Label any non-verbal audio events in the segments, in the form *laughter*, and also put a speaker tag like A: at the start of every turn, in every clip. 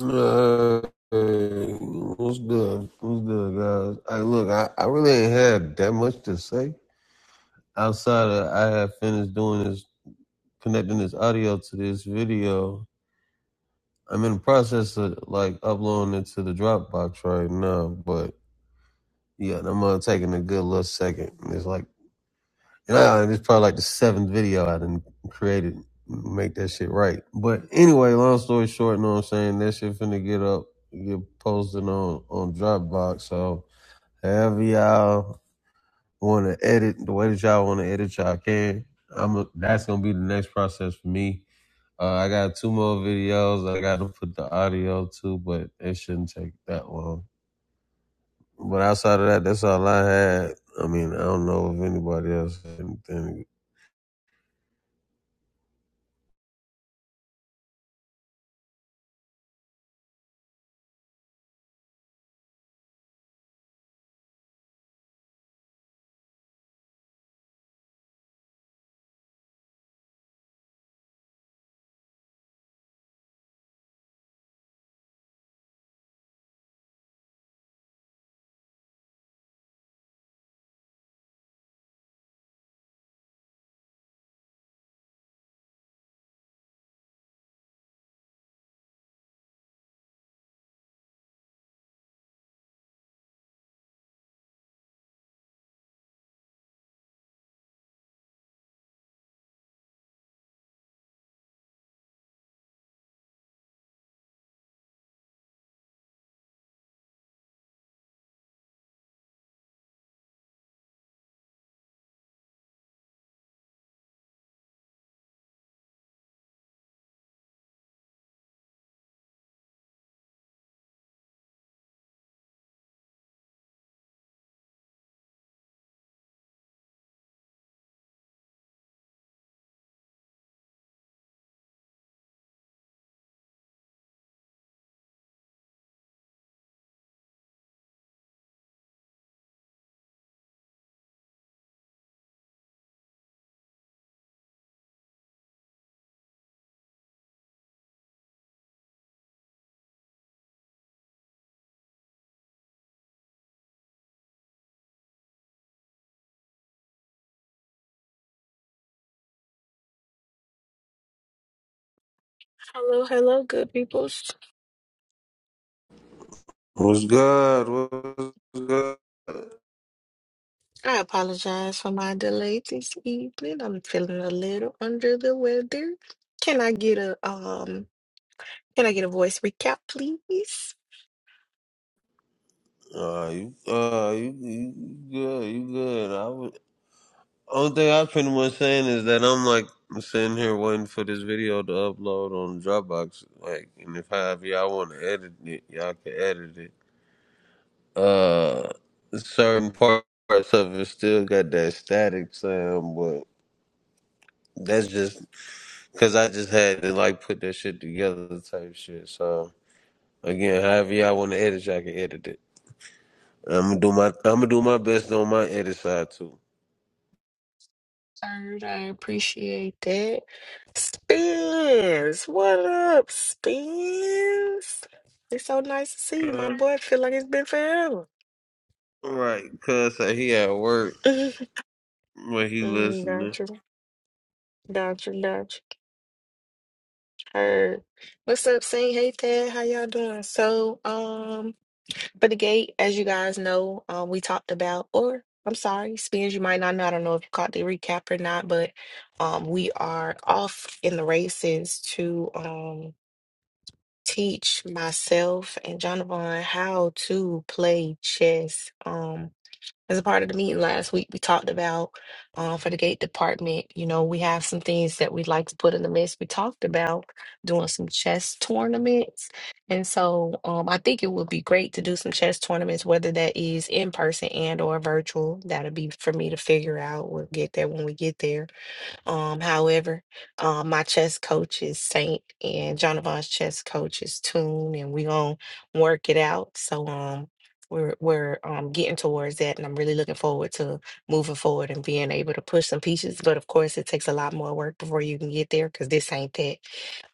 A: Uh, what's good? What's good, guys? I look, I, I really ain't had that much to say outside of I have finished doing this, connecting this audio to this video. I'm in the process of like uploading it to the Dropbox right now, but yeah, I'm uh, taking a good little second. It's like Nah, and I, it's probably like the seventh video I done created. Make that shit right. But anyway, long story short, you know what I'm saying? That shit finna get up, get posted on, on Dropbox. So however y'all wanna edit, the way that y'all wanna edit, y'all can. I'm a, that's gonna be the next process for me. Uh, I got two more videos. I got to put the audio too, but it shouldn't take that long. But outside of that, that's all I had. I mean, I don't know if anybody else had anything
B: Hello, hello, good people.
A: What's good? What's good?
B: I apologize for my delay this evening. I'm feeling a little under the weather. Can I get a um can I get a voice recap, please?
A: Uh, you, uh, you, you good? You good? I would. Only thing I pretty much saying is that I'm like sitting here waiting for this video to upload on Dropbox. Like, and if I, if y'all want to edit it, y'all can edit it. Uh, certain parts of it still got that static sound, but that's just because I just had to like put that shit together type shit. So again, however y'all want to edit, y'all can edit it. I'm gonna do my I'm gonna do my best on my edit side too.
B: Third, I appreciate that. Spins, what up, Spins? It's so nice to see you, my
A: Uh,
B: boy. I feel like it's been forever.
A: right, cuz uh, he at work
B: *laughs*
A: when he
B: Mm,
A: listening.
B: gotcha, gotcha, gotcha. Heard. What's up, Saint? Hey, Thad. How y'all doing? So, um. For the gate, as you guys know, um, we talked about, or I'm sorry, Spins, you might not know. I don't know if you caught the recap or not, but um, we are off in the races to um, teach myself and Jonathan how to play chess. Um, as a part of the meeting last week, we talked about uh, for the gate department, you know, we have some things that we'd like to put in the mix. We talked about doing some chess tournaments. And so um, I think it would be great to do some chess tournaments, whether that is in person and or virtual. That'll be for me to figure out. We'll get there when we get there. Um, however, um, my chess coach is Saint, and Jonathan's chess coach is Tune, and we gonna work it out. So, um, we're we're um getting towards that, and I'm really looking forward to moving forward and being able to push some pieces. But of course, it takes a lot more work before you can get there because this ain't that.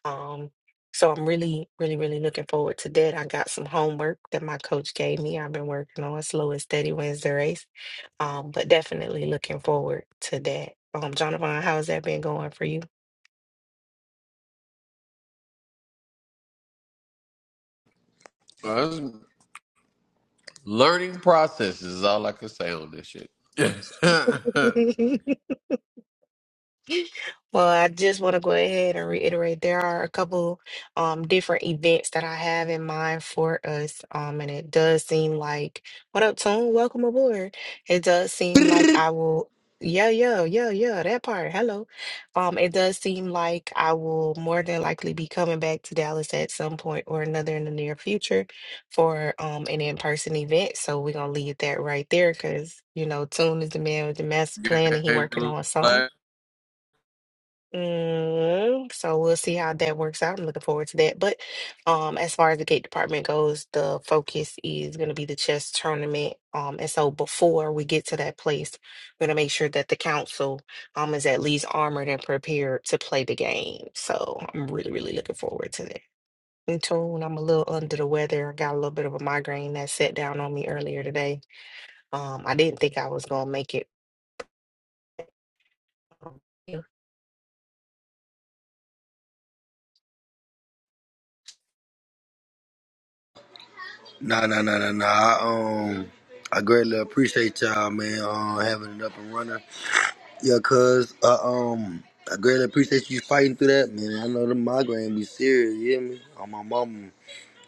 B: Um, so I'm really, really, really looking forward to that. I got some homework that my coach gave me. I've been working on slow and steady wins the race um, but definitely looking forward to that. Um, Jonathan, how's that been going for you?
A: Well, it's learning process is all I can say on this shit.
B: *laughs* Well, I just want to go ahead and reiterate there are a couple um, different events that I have in mind for us. Um, and it does seem like, what up, Tune? Welcome aboard. It does seem like
C: Nah,
B: I will, yeah, yeah, yeah, yeah, that part. Hello. Um, it does seem like I will more than likely be coming back to Dallas at some point or another in the near future for um, an in-person event. So we're going to leave that right there because, you know, Tune is the man with the master plan and he
A: *laughs*
B: working on something. Mm, so we'll see how that works out. I'm looking forward to that. But um, as far as the gate department goes, the focus is going to be the chess tournament. Um, and so before we get to that place, we're going to make sure that the council um is at least armored and prepared to play the game. So I'm really, really looking forward to that. In tune, I'm a little under the weather. I got a little bit of a migraine that set down on me earlier today. Um, I didn't think I was going to make it
C: nah, nah, nah, nah. I, um, I greatly appreciate y'all, man. Um, having it up and running. Yeah, cuz, uh, um, I greatly appreciate you fighting through that, man. I know the migraine be serious, you hear me? On my mama.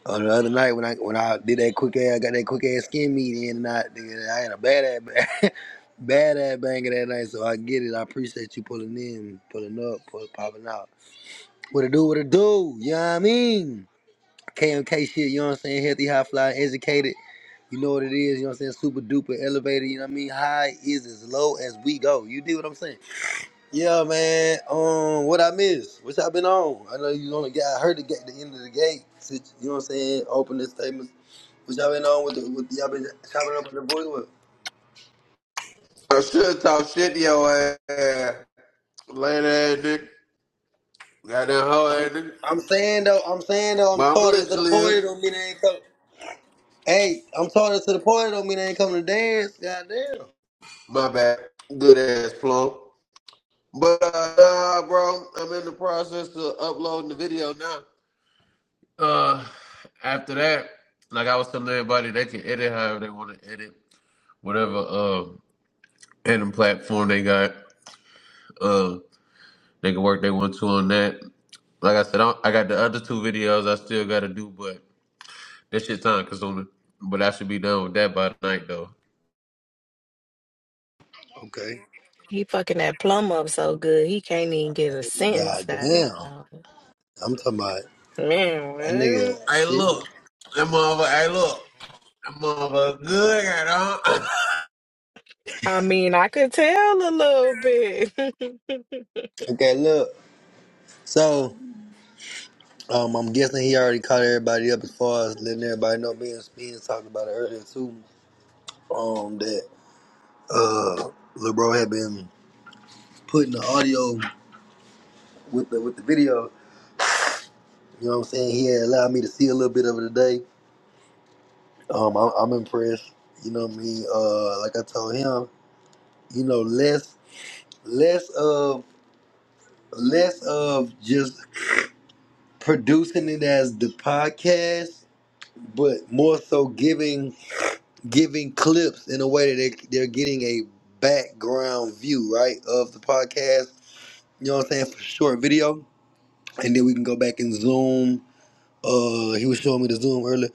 C: Uh, the other night when I when I did that quick ass, got that quick ass skin meeting, and I, nigga, I had a bad ass, ba- *laughs* bad ass banger that night. So I get it. I appreciate you pulling in, pulling up, pull, popping out. What it do? What it do? You know what I mean? KMK shit, you know what I'm saying? Healthy, high fly, educated. You know what it is, you know what I'm saying? Super duper elevated, you know what I mean? High is as low as we go. You dig what I'm saying? Yeah, man. Um, what I miss? What y'all been on? I know you only got I heard the gate the end of the gate. You know what I'm saying? Opening statements. What y'all been on with the with y'all been chopping up with the boys with?
A: I should talk shit to your ass. Later ass nigga. Got that whole
C: I'm,
A: ass nigga.
C: I'm saying though, I'm saying though,
A: But
C: I'm
A: i Mama
C: taught
A: let
C: it to
A: you
C: the point,
A: live.
C: it don't mean they ain't coming. Hey, I'm taught it to the point, it don't mean they ain't coming to dance. Goddamn.
A: My bad. Good ass plump. But uh, nah, bro, I'm in the process of uploading the video now. Uh, after that, like I was telling everybody, they can edit however they want to edit, whatever uh editing platform they got. Uh, they can work they want to on that. Like I said, I, I got the other two videos I still got to do, but that shit time consuming. But I should be done with that by tonight though.
C: Okay.
B: He fucking that plum up so good he can't even get a sentence
C: Goddamn.
B: out.
C: I'm talking about
B: Man,
C: that
B: what?
C: nigga
A: Hey,
C: shit.
A: look, that motherfucker. Hey, look, that motherfucker good, huh?
B: I mean, I could tell a little bit. *laughs*
C: Okay, look. So, um, I'm guessing he already caught everybody up as far as letting everybody know. Me and Spins talked about it earlier too. Um, that uh, Lil bro had been putting the audio with the with the video. You know what I'm saying? He had allowed me to see a little bit of it today. Um, I'm, I'm impressed. You know what I mean? Uh, like I told him, you know, less less of less of just producing it as the podcast but more so giving giving clips in a way that they, they're getting a background view right of the podcast you know what i'm saying for short video and then we can go back and zoom uh he was showing me the zoom earlier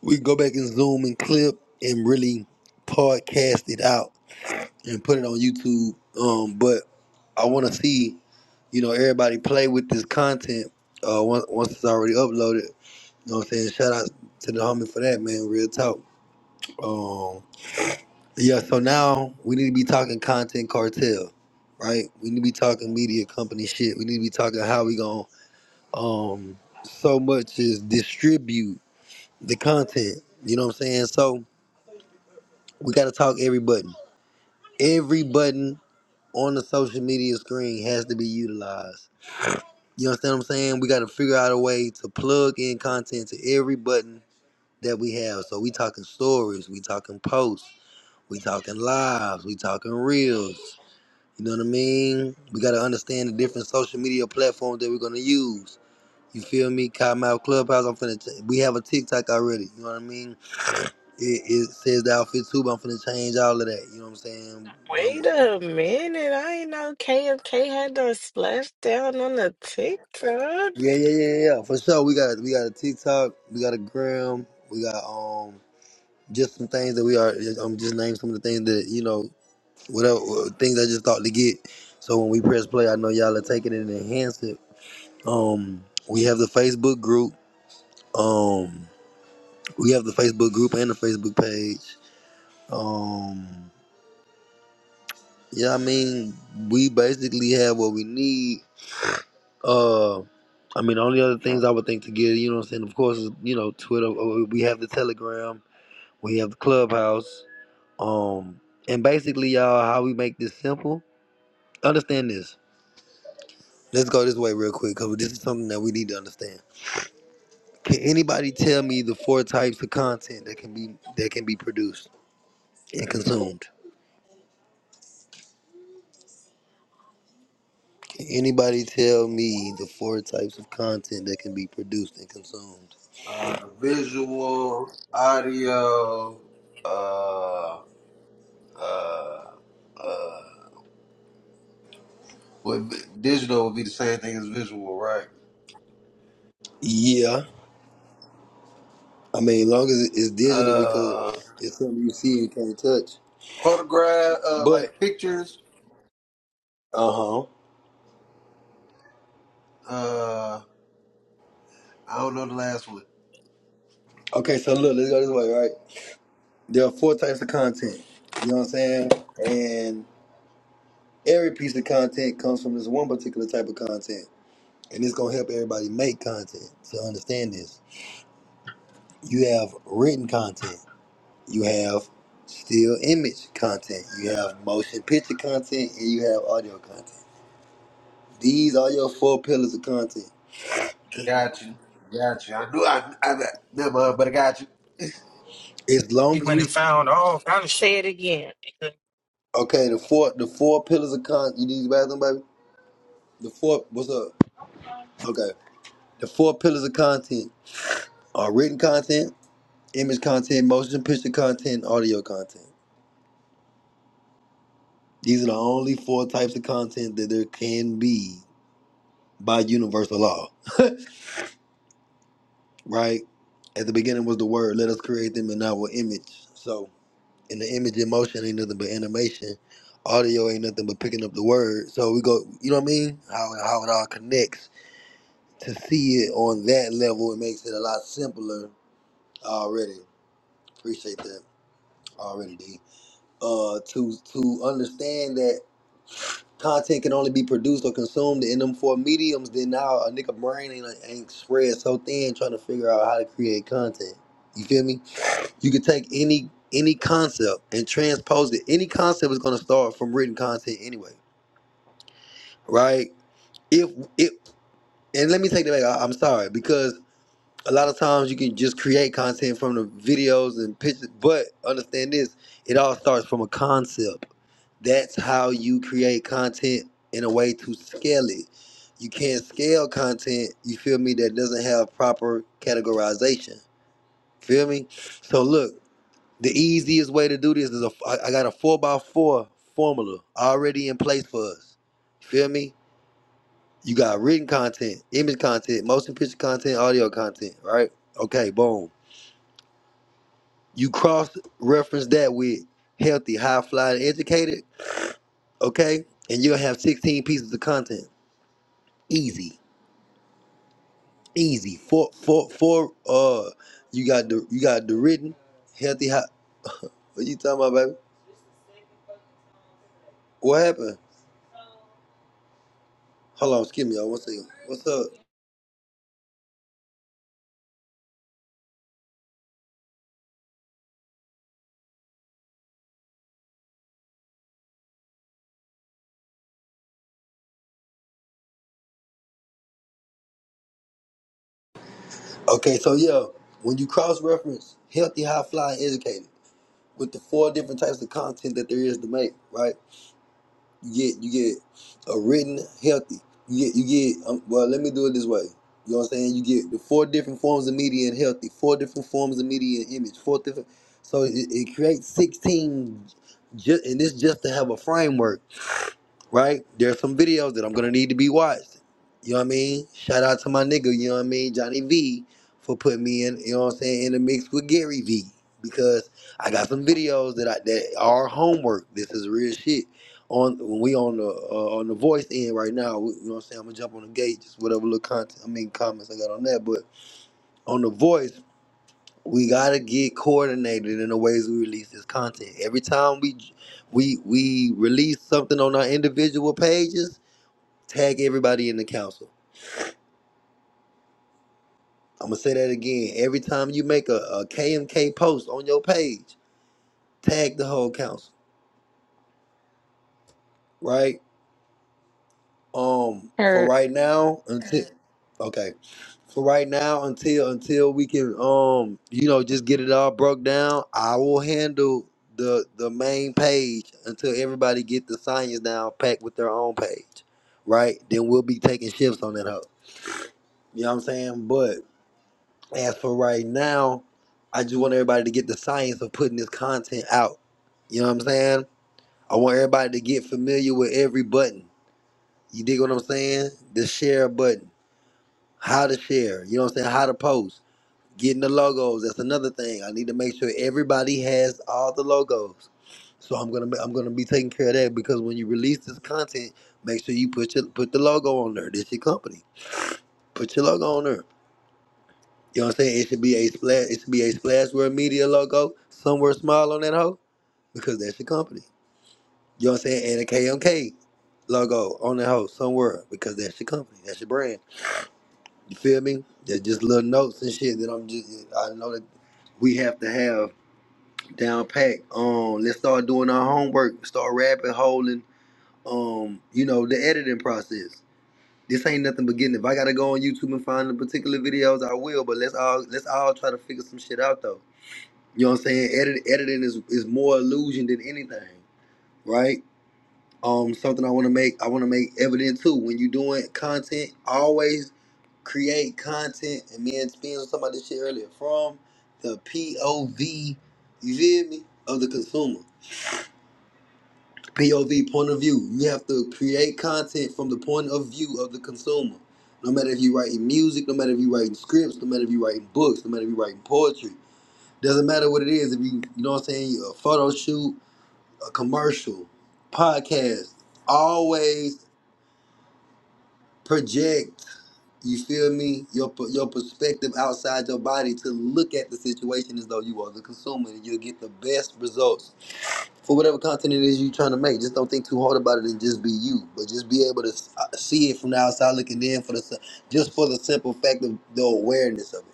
C: we can go back and zoom and clip and really podcast it out and put it on youtube um but i want to see you know everybody play with this content uh once, once it's already uploaded you know what i'm saying shout out to the homie for that man real talk Um. Yeah, so now we need to be talking content cartel, right? We need to be talking media company shit. We need to be talking how we gonna um so much is distribute the content. You know what I'm saying? So we gotta talk every button. Every button on the social media screen has to be utilized. You understand what I'm saying? We gotta figure out a way to plug in content to every button that we have. So we talking stories, we talking posts, we talking lives, we talking reels. You know what I mean? We gotta understand the different social media platforms that we're gonna use. You feel me? Cottonmouth Clubhouse. I'm finna. T- we have a TikTok already. You know what I mean? It, it says the outfit too, but I'm finna change all of that. You know what I'm saying? Um,
B: Wait a minute, I ain't know KFK had done splash down on the TikTok.
C: yeah, yeah, yeah, yeah. For sure. We got we got a TikTok. We got a gram. We got um just some things that we are. I'm just naming some of the things that you know whatever things I just thought to get. So when we press play, I know y'all are taking it and enhance it. Um, we have the Facebook group. Um. We have the Facebook group and the Facebook page. Um, yeah, I mean, we basically have what we need. Uh, I mean, the only other things I would think to get, you know what I'm saying? Of course, is, you know, Twitter. uh, We have the Telegram. We have the Clubhouse. Um, and basically, y'all, how we make this simple? Understand this. Let's go this way real quick because this is something that we need to understand. Can anybody tell me the four types of content that can be that can be produced and consumed? Can anybody tell me the four types of content that can be produced and consumed?
A: *laughs* uh, visual, audio, uh, uh, uh. Well, v- digital would be the same thing as visual, right?
C: Yeah. I mean, as long as it- it's digital because
A: Uh,
C: it's something you see and can't touch.
A: photograph, uh,
C: But,
A: like pictures.
C: uh huh.
A: Uh, I don't know the last one.
C: Okay, so look, let's go this way, right? There are four types of content. You know what I'm saying? And every piece of content comes from this one particular type of content. And it's going to help everybody make content. So understand this. You have written content. you have still image content, you have motion picture content, and you have audio content. These are your four pillars of content.
A: Got you, got you. I knew I, I, I never, mind, but I got you.
C: As
B: He
C: long as
B: went
C: we
B: and found all. I'm gonna say it again.
C: okay, the four the four pillars of content. You need the bathroom, baby. The four what's up? Okay, the four pillars of content are written content, image content, motion picture content, audio content. These are the only four types of content that there can be by universal law, *laughs* right? At the beginning was the word. Let us create them in our image. So and the image in motion ain't nothing but animation. Audio ain't nothing but picking up the word. So we go, you know what I mean? How how it all connects. To see it on that level, it makes it a lot simpler already. Appreciate that already, D. Uh, to to understand that content can only be produced or consumed in them four mediums, then now a nigga brain ain't, ain't spread so thin trying to figure out how to create content. You feel me? You could take any any concept and transpose it. Any concept is going to start from written content anyway, right? If if and let me take that back. I, I'm sorry because a lot of times you can just create content from the videos and pictures, but understand this: it all starts from a concept. That's how you create content in a way to scale it. You can't scale content. You feel me? That doesn't have proper categorization. Feel me? So look. The easiest way to do this is a, I I got a four by four formula already in place for us. You feel me? You got written content, image content, motion picture content, audio content, right? Okay, boom. You cross reference that with healthy, high flying, educated, okay? And you'll have 16 pieces of content. Easy, easy. Four, four, four. Uh, you got the you got the written, healthy, high. What you talking about, baby? What happened? Hold on, excuse me, y'all. One second. What's up? Okay, so yeah, when you cross reference healthy, high flying, educated with the four different types of content that there is to make, right? You get you get a written healthy. You get you get um, well. Let me do it this way. You know what I'm saying? You get the four different forms of media and healthy, four different forms of media and image, four different. So it, it creates 16, ju- and this just to have a framework right? There's some videos that I'm gonna need to be watched. You know what I mean? Shout out to my nigga, you know what I mean, Johnny V for putting me in, you know what I'm saying, in the mix with Gary V. Because I got some videos that I that are homework. This is real shit. On when we on the uh, on the voice end right now, we, you know what I'm saying? I'm gonna jump on the gate, just whatever little content I mean comments I got on that. But on the voice, we gotta get coordinated in the ways we release this content. Every time we we we release something on our individual pages, Tag everybody in the council. I'm gonna say that again. Every time you make a, KMK post on your page, tag the whole council, right? Um, for
B: Hurt
C: right now, until okay, for right now until until we can um you know just get it all broke down, I will handle the the main page until everybody get the science down packed with their own page, right? Then we'll be taking shifts on that hoe. You know what I'm saying? As for right now, I just want everybody to get the science of putting this content out. You know what I'm saying? I want everybody to get familiar with every button. You dig what I'm saying? The share button, how to share, you know what I'm saying? How to post, getting the logos. That's another thing. I need to make sure everybody has all the logos. So I'm gonna I'm gonna be taking care of that because when you release this content, make sure you put your put the logo on there. This your company. Put your logo on there. You know what I'm saying? It should be a splash. It should be a splashware media logo somewhere small on that hoe because that's your company. You know what I'm saying? And a KMK logo on that hoe somewhere because that's your company. That's your brand. You feel me? That's just little notes and shit that I'm just. I know that we have to have down pack. Um, let's start doing our homework. Start rabbit holing. Um, you know the editing process. This ain't nothing but getting. If I gotta go on YouTube and find the particular videos, I will. But let's all let's all try to figure some shit out though. You know what I'm saying? Edit, editing is, is more illusion than anything, right? Um, something I want to make I want to make evident too. When you're doing content, always create content. And me and Spins was talking about this shit earlier from the POV. You feel me? Of the consumer, POV point of view. You have to create content from the point of view of the consumer. No matter if you're writing music, no matter if you're writing scripts, no matter if you're writing books, no matter if you're writing poetry, doesn't matter what it is. If you you know what I'm saying, a photo shoot a commercial, podcast, always project. You feel me? Your per- your perspective outside your body to look at the situation as though you are the consumer, and you'll get the best results for whatever content it is you're trying to make. Just don't think too hard about it, and just be you. But just be able to s- uh, see it from the outside looking in for the s- just for the simple fact of the awareness of it.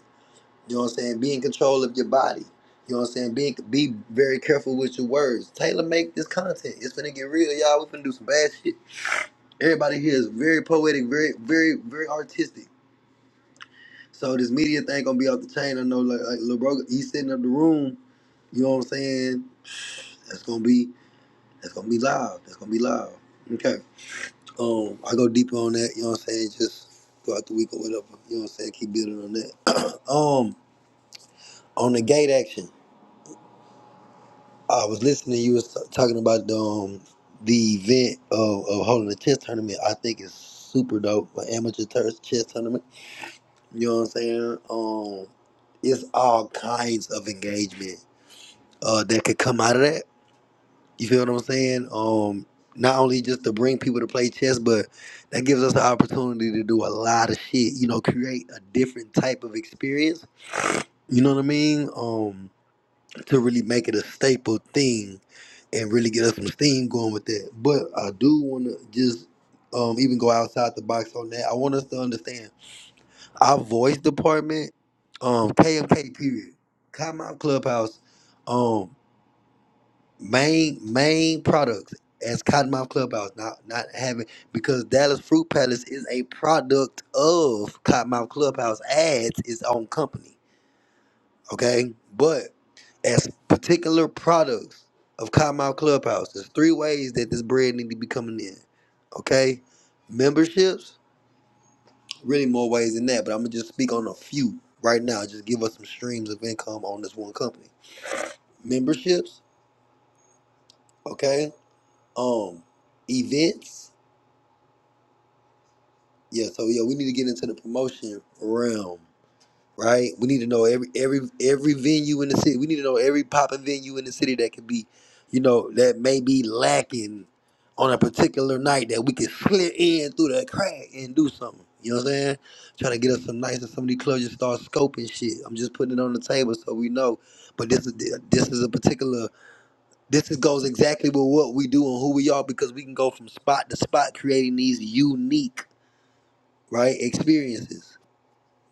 C: You know what I'm saying? Be in control of your body. You know what I'm saying? Be be very careful with your words. Taylor make this content. It's gonna get real, y'all. We're finna do some bad shit. Everybody here is very poetic, very, very, very artistic. So this media thing gonna be off the chain. I know like, like Lil Bro, he's setting up the room, you know what I'm saying? That's gonna be that's gonna be live. That's gonna be live. Okay. Um I go deeper on that, you know what I'm saying? Just throughout the week or whatever. You know what I'm saying? Keep building on that. *clears throat* um on the gate action. I was listening. You was talking about the, um, the event of, of holding a chess tournament. I think it's super dope, an amateur ter- chess tournament. You know what I'm saying? Um, it's all kinds of engagement uh, that could come out of that. You feel what I'm saying? Um, not only just to bring people to play chess, but that gives us the opportunity to do a lot of shit. You know, create a different type of experience. You know what I mean? Um, to really make it a staple thing and really get us some steam going with that. But I do want to just um, even go outside the box on that. I want us to understand our voice department, um, KMK period, Cottonmouth Clubhouse, um, main main products as Cottonmouth Clubhouse. Not not having because Dallas Fruit Palace is a product of Cottonmouth Clubhouse ads. Its own company okay? But as particular products of Cottonmouth Clubhouse, there's three ways that this bread need to be coming in, okay? Memberships, really more ways than that, but I'm gonna just speak on a few right now. Just give us some streams of income on this one company. Memberships, okay? Um, events, yeah. So yeah, we need to get into the promotion realm. right? We need to know every every every venue in the city. We need to know every popping venue in the city that could be, you know, that may be lacking on a particular night that we could slip in through the crack and do something. You know what I'm saying? Trying to get us some nights and some of these clubs just start scoping shit. I'm just putting it on the table so we know. But this is this is a particular this is goes exactly with what we do and who we are because we can go from spot to spot creating these unique right experiences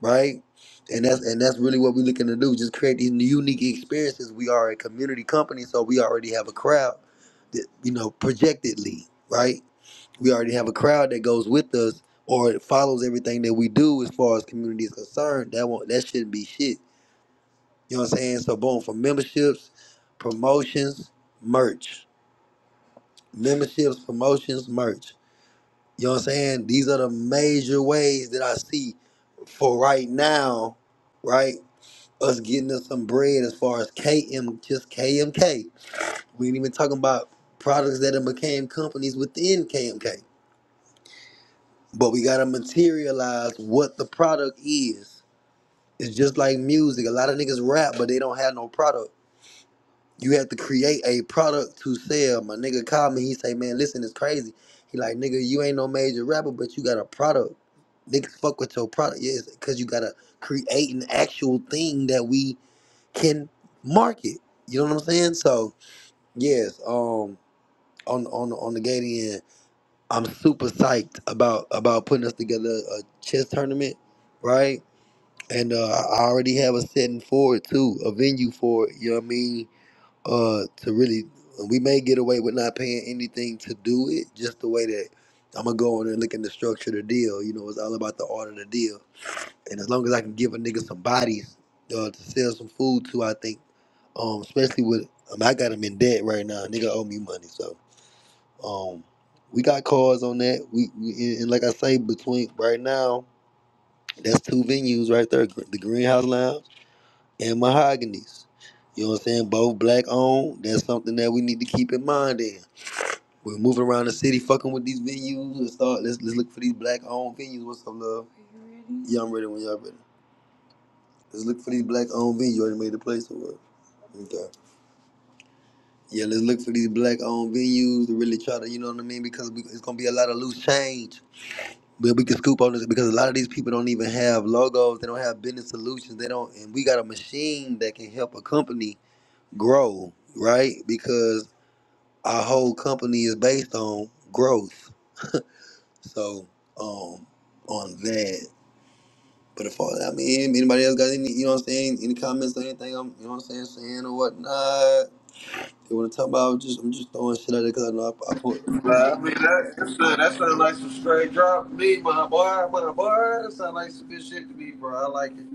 C: right? And that's and that's really what we're looking to do. Just create these unique experiences. We are a community company, so we already have a crowd that you know projectedly, right? We already have a crowd that goes with us or follows everything that we do as far as community is concerned. That won't that shouldn't be shit. You know what I'm saying? So boom, for memberships, promotions, merch. Memberships, promotions, merch. You know what I'm saying? These are the major ways that I see for right now, right? us getting us some bread as far as KM, just KMK. We ain't even talking about products that have became companies within KMK. But we gotta materialize what the product is. It's just like music. A lot of niggas rap, but they don't have no product. You have to create a product to sell. My nigga called me. He say, "Man, listen, it's crazy." He like, "Nigga, you ain't no major rapper, but you got a product. Niggas fuck with your product, yes, because you got to create an actual thing that we can market. You know what I'm saying? So yes, um, on on on the gating end, I'm super psyched about about putting us together a chess tournament, right? And uh, I already have a setting for it too, a venue for it. You know what I mean? Uh, to really, we may get away with not paying anything to do it, just the way that I'm gonna go in and look at the structure the deal. You know, it's all about the art of the deal. And as long as I can give a nigga some bodies uh, to sell some food to, I think. Um, especially with um, I got him in debt right now. Nigga owe me money, so um, we got cars on that. We, we and and like I say, between right now, that's two venues right there: Gr- the Greenhouse Lounge and Mahogany's. You know what I'm saying? Both black owned. That's something that we need to keep in mind. Then we're moving around the city, fucking with these venues. Let's start. Let's let's look for these black owned venues. What's up, love? Yeah, I'm ready when y'all ready. Let's look for these black owned venues. You already made the place or what? Okay. Yeah, let's look for these black owned venues to really try to, you know what I mean? Because we, it's gonna be a lot of loose change. But we can scoop on this because a lot of these people don't even have logos. They don't have business solutions. They don't, and we got a machine that can help a company grow, right? Because our whole company is based on growth. So, um, on that. But if all, I mean, anybody else got any, you know what I'm saying? Any comments or anything? I'm, you know what I'm saying, saying or whatnot. They want to talk about? Just, I'm just throwing shit out there because I know I, I put.
A: Well, I mean, that, that sound that sound like some straight drop to me, my boy, my boy. That sound like some good shit to me, bro. I like it.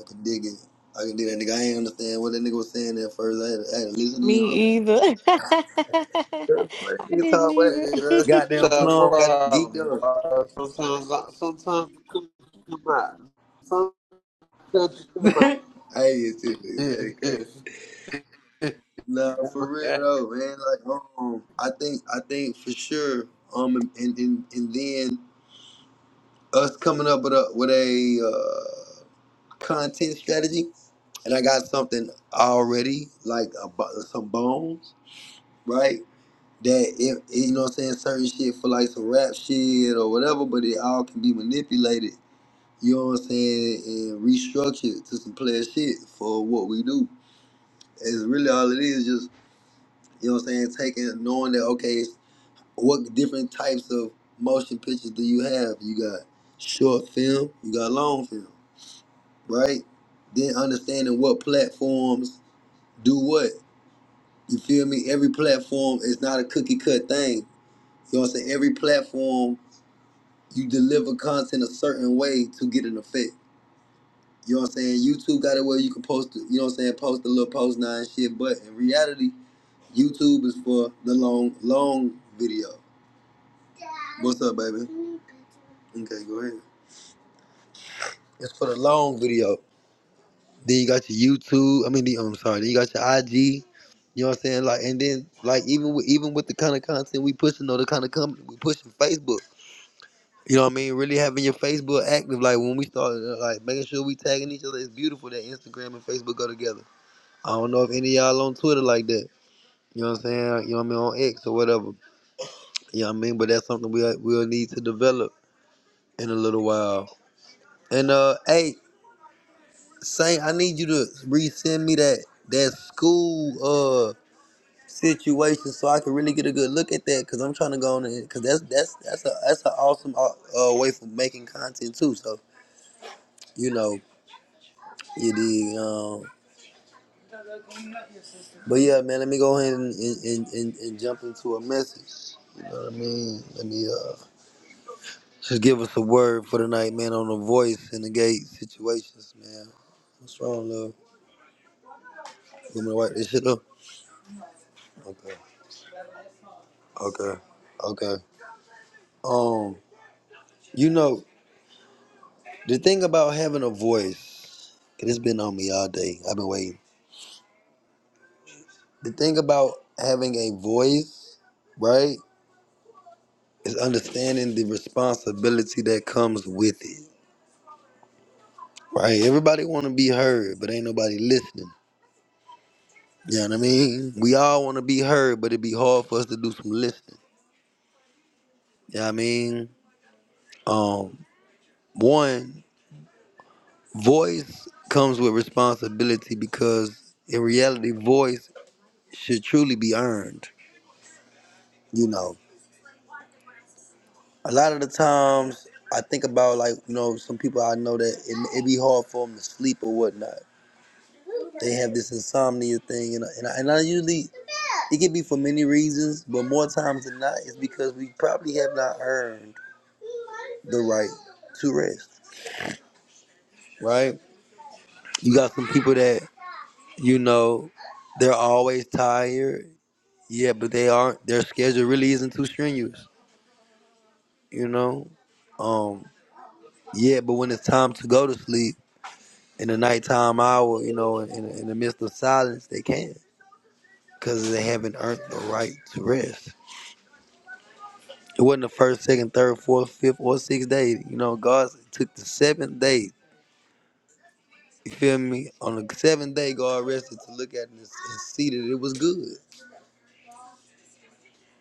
C: I could dig it. I could dig that nigga. I ain't understand what that nigga was saying at first. I had to, I had to listen to him. I'm like,
B: me either. *laughs* I
C: "Sure, "What the nigga
B: didn't
C: talk about
B: either.
A: See,
C: that
A: that's
C: goddamn
B: *laughs*
A: your
C: plum, got him geeked
A: problem,
C: up.
A: bro. Sometimes, I- sometimes you come come out. Sometimes you
C: *laughs* I hate it too. Dude. That is crazy.
A: come out. *laughs*
C: Nah, for
A: Nah,
C: real though, man. Like, um, I think, I think for sure. Um, and and, and then us coming up with a with a uh, content strategy, and I got something already, like a, bo- some bones, right? that if you know what I'm saying certain shit for like some rap shit or whatever, but it all can be manipulated. You know what I'm saying, and restructured to some player shit for what we do. It's really all it is, just you know what I'm saying, taking knowing that okay, it's- what different types of motion pictures do you have? You got short film, you got long film, right? Then understanding what platforms do what. You feel me? Every platform is not a cookie cut thing. You know what I'm saying? Every platform you deliver content a certain way to get an effect. You know what I'm saying? YouTube got it where you can post, it, you know what I'm saying, post a little post now and shit. But in reality, YouTube is for the long, long video. Dad. What's up, baby? Okay, go ahead. It's for the long video. Then you got your YouTube. I mean, the, I'm sorry. Then you got your IG. You know what I'm saying? Like, and then like even with even with the kind of content we pushing or the kind of company we pushing, Facebook. You know what I mean? Really having your Facebook active, like when we started, uh, like making sure we tagging each other. It's beautiful that Instagram and Facebook go together. I don't know if any of y'all on Twitter like that. You know what I'm saying? You know what I mean? On X or whatever. You know what I mean? But that's something we uh, we'll need to develop in a little while. And uh, hey, Saint, I need you to resend me that that school uh situation so I can really get a good look at that because I'm trying to go on it because that's that's that's a that's an awesome uh, uh, way for making content too. So you know. You dig? Um, but yeah, man, let me go ahead and, and, and, and, and jump into a message. You know what I mean? Let me uh, just give us a word for the night, man, on the voice and the gate situations, man. What's wrong, love? You want me to wipe this shit up? Okay. Okay. Okay. Um, you know, the thing about having a voice, 'cause it's been on me all day. I've been waiting. The thing about having a voice, right, is understanding the responsibility that comes with it. Right. Everybody want to be heard, but ain't nobody listening. You know what I mean? We all want to be heard, but it'd be hard for us to do some listening. You know what I mean? Um, one, voice comes with responsibility because in reality, voice should truly be earned. You know, a lot of the times I think about like, you know, some people I know that it, it be hard for them to sleep or whatnot. They have this insomnia thing, and and I, and I usually it can be for many reasons, but more times than not, it's because we probably have not earned the right to rest. Right? You got some people that you know they're always tired. Yeah, but they aren't. Their schedule really isn't too strenuous. You know. Um. Yeah, but when it's time to go to sleep in the nighttime hour, you know, in, in, the midst of silence, they can't because they haven't earned the right to rest. It wasn't the first, second, third, fourth, fifth, or sixth day. You know, God took the seventh day. You feel me? On the seventh day, God rested to look at it and, and see that it was good.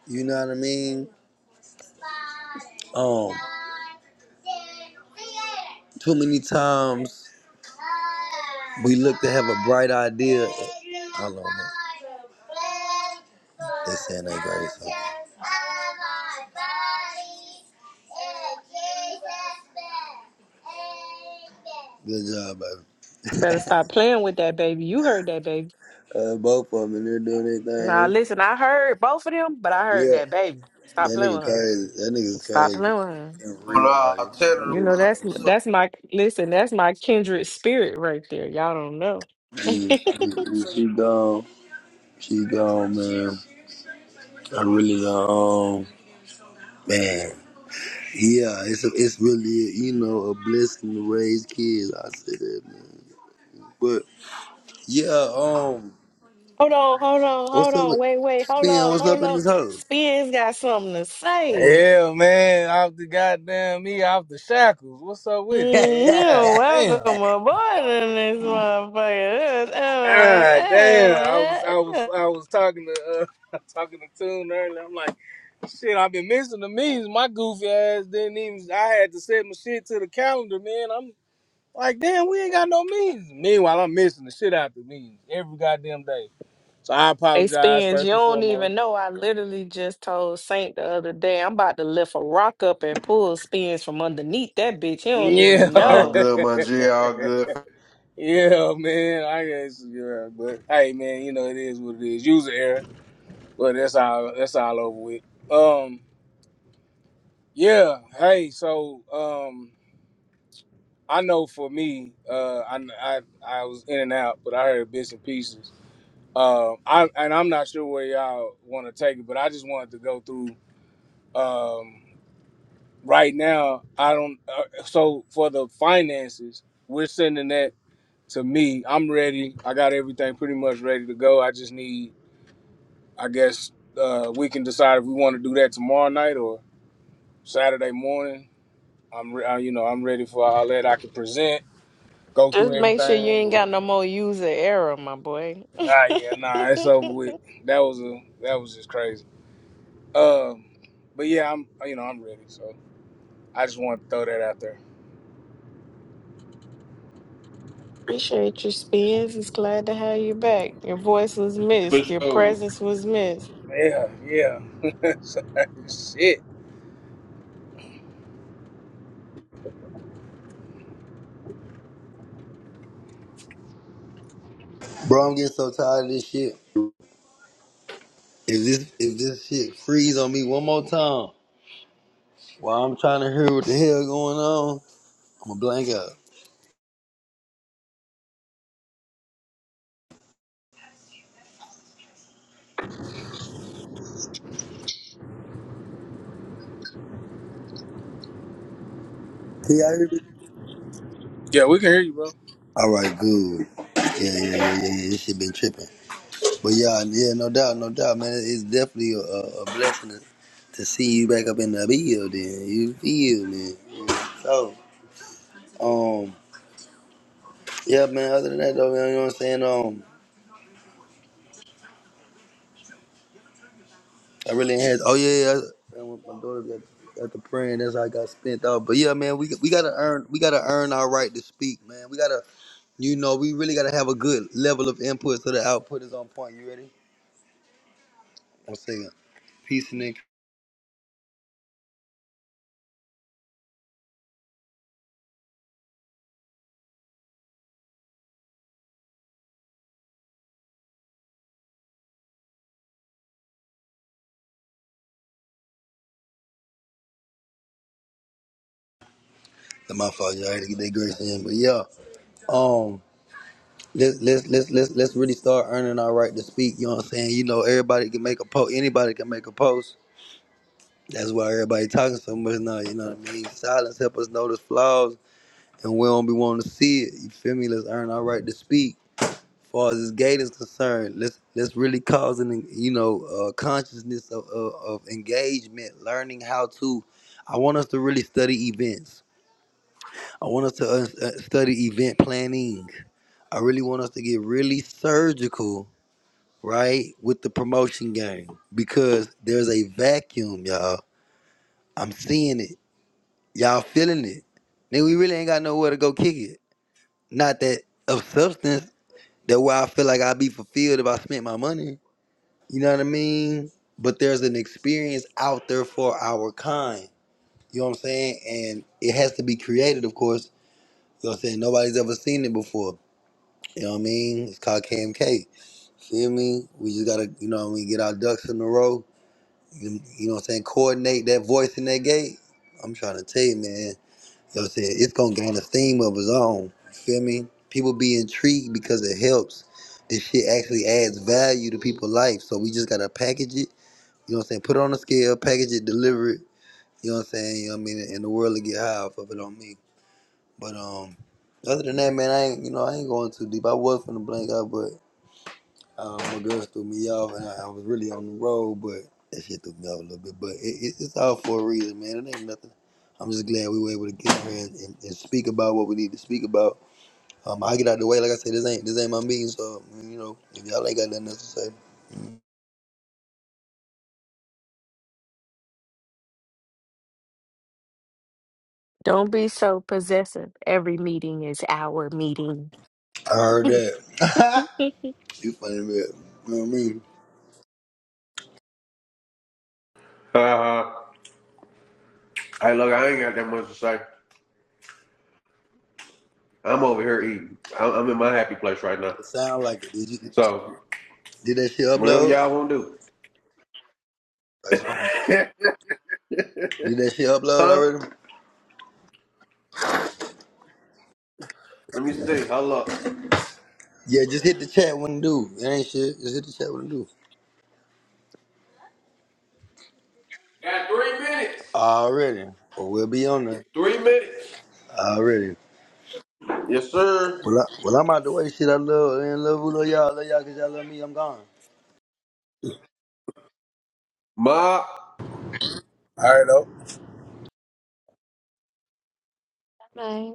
C: You know what I mean? Um, too many times We look to have a bright idea. Hold on. man. They saying they' grace. hold on. Good job, baby.
B: Better stop playing with that baby. You heard that
C: Uh, both of them, and they're doing their
B: Now
C: thing.
B: listen, I heard both of them, but I heard
C: Yeah,
B: that baby. Stop
C: that
B: playing
C: nigga
B: with her.
C: crazy. That nigga's
B: Stop
C: crazy
B: playing with her.
C: in real life. I'm
B: You
C: really-
B: know that's that's my listen. That's my kindred spirit right there. Y'all don't know. *laughs* hold
C: Mm, mm, mm. She gone. She gone, man. I really uh, um man. Yeah, it's it's really you know a blessing to raise kids. I said that, man. But yeah, um,
B: on, hold on, hold
C: what's up
B: on.
C: with
B: Wait, wait, hold
C: man?
B: on,
C: What's up
B: hold
C: in
B: on.
C: this hole,
B: Spears got something to say.
D: Yeah, man, off the goddamn me, off the shackles. What's up with it, man?
B: Mm,
D: God
B: You're
C: *laughs*
D: damn.
B: welcome aboard in this motherfucker. Uh, uh,
D: God damn. I was,
B: uh,
D: I
B: uh, uh.
D: was, I was talking to, uh, *laughs* talking to Tune earlier. I'm like, shit, I've been missing the meetings. My goofy ass didn't even. I had to set my shit to the calendar, man. I'm like, damn, we ain't got no meetings. Meanwhile, I'm missing the shit out the meetings every goddamn day. So I
B: Hey,
D: apologize
B: Spence, you
D: first and
B: don't
D: foremost.
B: even know. I literally just told Saint the other day I'm about to lift a rock up and pull Spence from underneath that bitch. You don't
D: Yeah.
B: even
A: All
B: know.
A: good, my G. All good.
D: *laughs* Yeah, man. I guess yeah, but hey man, you know it is what it is. User error. But that's all that's all over with. Um yeah, hey, so um I know for me, uh I I, I was in and out, but I heard bits and pieces. Um I and I'm not sure where y'all wanna take it, but I just wanted to go through um right now I don't uh, so for the finances, we're sending that to me. I'm ready. I got everything pretty much ready to go. I just need I guess uh, we can decide if we want to do that tomorrow night or Saturday morning. I'm, re- uh, you know, I'm ready for all that I can present, go
B: Just
D: through
B: make sure you
D: everything.
B: ain't
D: Or,
B: got no more user error, my boy. *laughs*
D: ah, yeah, nah, it's over with. That was a, that was just crazy. Um, but yeah, I'm, you know, I'm ready. So I just want to throw that out there.
B: Appreciate you, Spence. It's glad to have you back. Your voice was
A: For
B: missed. Your
A: sure.
B: presence was missed.
D: Yeah, yeah. *laughs* Shit.
C: bro? I'm getting so tired of this shit. If this if this shit freeze on me one more time while I'm trying to hear what the hell going on, I'm a blank out. Can y'all hear me?
D: Yeah, we can hear you, bro.
C: All right, good. Yeah, yeah, yeah, yeah. yeah. This shit been tripping. But yeah, yeah, no doubt, no doubt, man. It's definitely a, a a blessing to, to see you back up in the building. You feel me? So, um, yeah, man. Other than that, though, man, you know what I'm saying? Um, I really had. Oh yeah, yeah. Man, with my daughter got got the praying, that's how I got spent out. But yeah, man, we we gotta earn, we gotta earn our right to speak, man. We gotta, you know, we really gotta have a good level of input so the output is on point. You ready? One second. Peace, Nick. My fault, y'all. I had to get that grace in, but yeah. Um. Let's let's let's let's let's really start earning our right to speak. You know what I'm saying? You know, everybody can make a post. Anybody can make a post. That's why everybody talking so much now. You know what I mean? Silence help us notice flaws, and we don't be wanting to see it. You feel me? Let's earn our right to speak. As far as this gate is concerned, let's let's really cause an you know uh, consciousness of, of of engagement, learning how to. I want us to really study events. I want us to uh, uh, study event planning. I really want us to get really surgical right, with the promotion game because there's a vacuum, y'all. I'm seeing it. Y'all feeling it. Then we really ain't got nowhere to go kick it. Not that of substance that where I feel like I'd be fulfilled if I spent my money. You know what I mean? But there's an experience out there for our kind. You know what I'm saying? And it has to be created, of course. You know what I'm saying? Nobody's ever seen it before. You know what I mean? It's called KMK. Feel me? We just gotta, you know what I mean, get our ducks in a row you you know what I'm saying, coordinate that voice in that gate, I'm trying to tell you, man, you know what I'm saying, it's gonna gain a steam of its own. You feel me? People be intrigued because it helps. This shit actually adds value to people's life. So we just gotta package it, you know what I'm saying, put it on a scale, package it, deliver it, you know what I'm saying, you know what I mean, and the world will get high off of it on me. But um other than that, man, I ain't you know, I ain't going too deep. I was finna blank out, uh, my girl threw me off, and I, I was really on the road, but that shit threw me off a little bit. But it, it, it's all for a reason, man. It ain't nothing. I'm just glad we were able to get here and, and, and speak about what we need to speak about. Um, I get out the way, like I said, this ain't this ain't my meeting, so um, you know, if y'all ain't got nothing else to say,
B: Don't be so possessive. Every meeting is our meeting.
C: I heard
B: *laughs*
C: that. *laughs* you funny, man. You know what I mean?
A: Uh, hey, look, I ain't got that much to say. I'm over here eating. I'm, I'm in my happy place right now.
C: It sound like it. Did you
A: So,
C: did that shit
A: whatever
C: upload?
A: y'all want to
C: Like, mama,
A: do. *laughs*
C: Did that shit upload
A: huh?
C: already?
A: Let me see. Hold up.
C: Yeah, just hit the chat when it do. It ain't shit. Just hit the chat when it do.
A: Got three minutes.
C: Already. Or we'll be on there.
A: Three minutes.
C: Already.
A: Yes, sir.
C: Well, I, well, I'm out the way. Shit, I love, I love, love y'all. Love y'all because y'all love me. I'm gone.
A: Ma.
D: All right, though.
B: Right.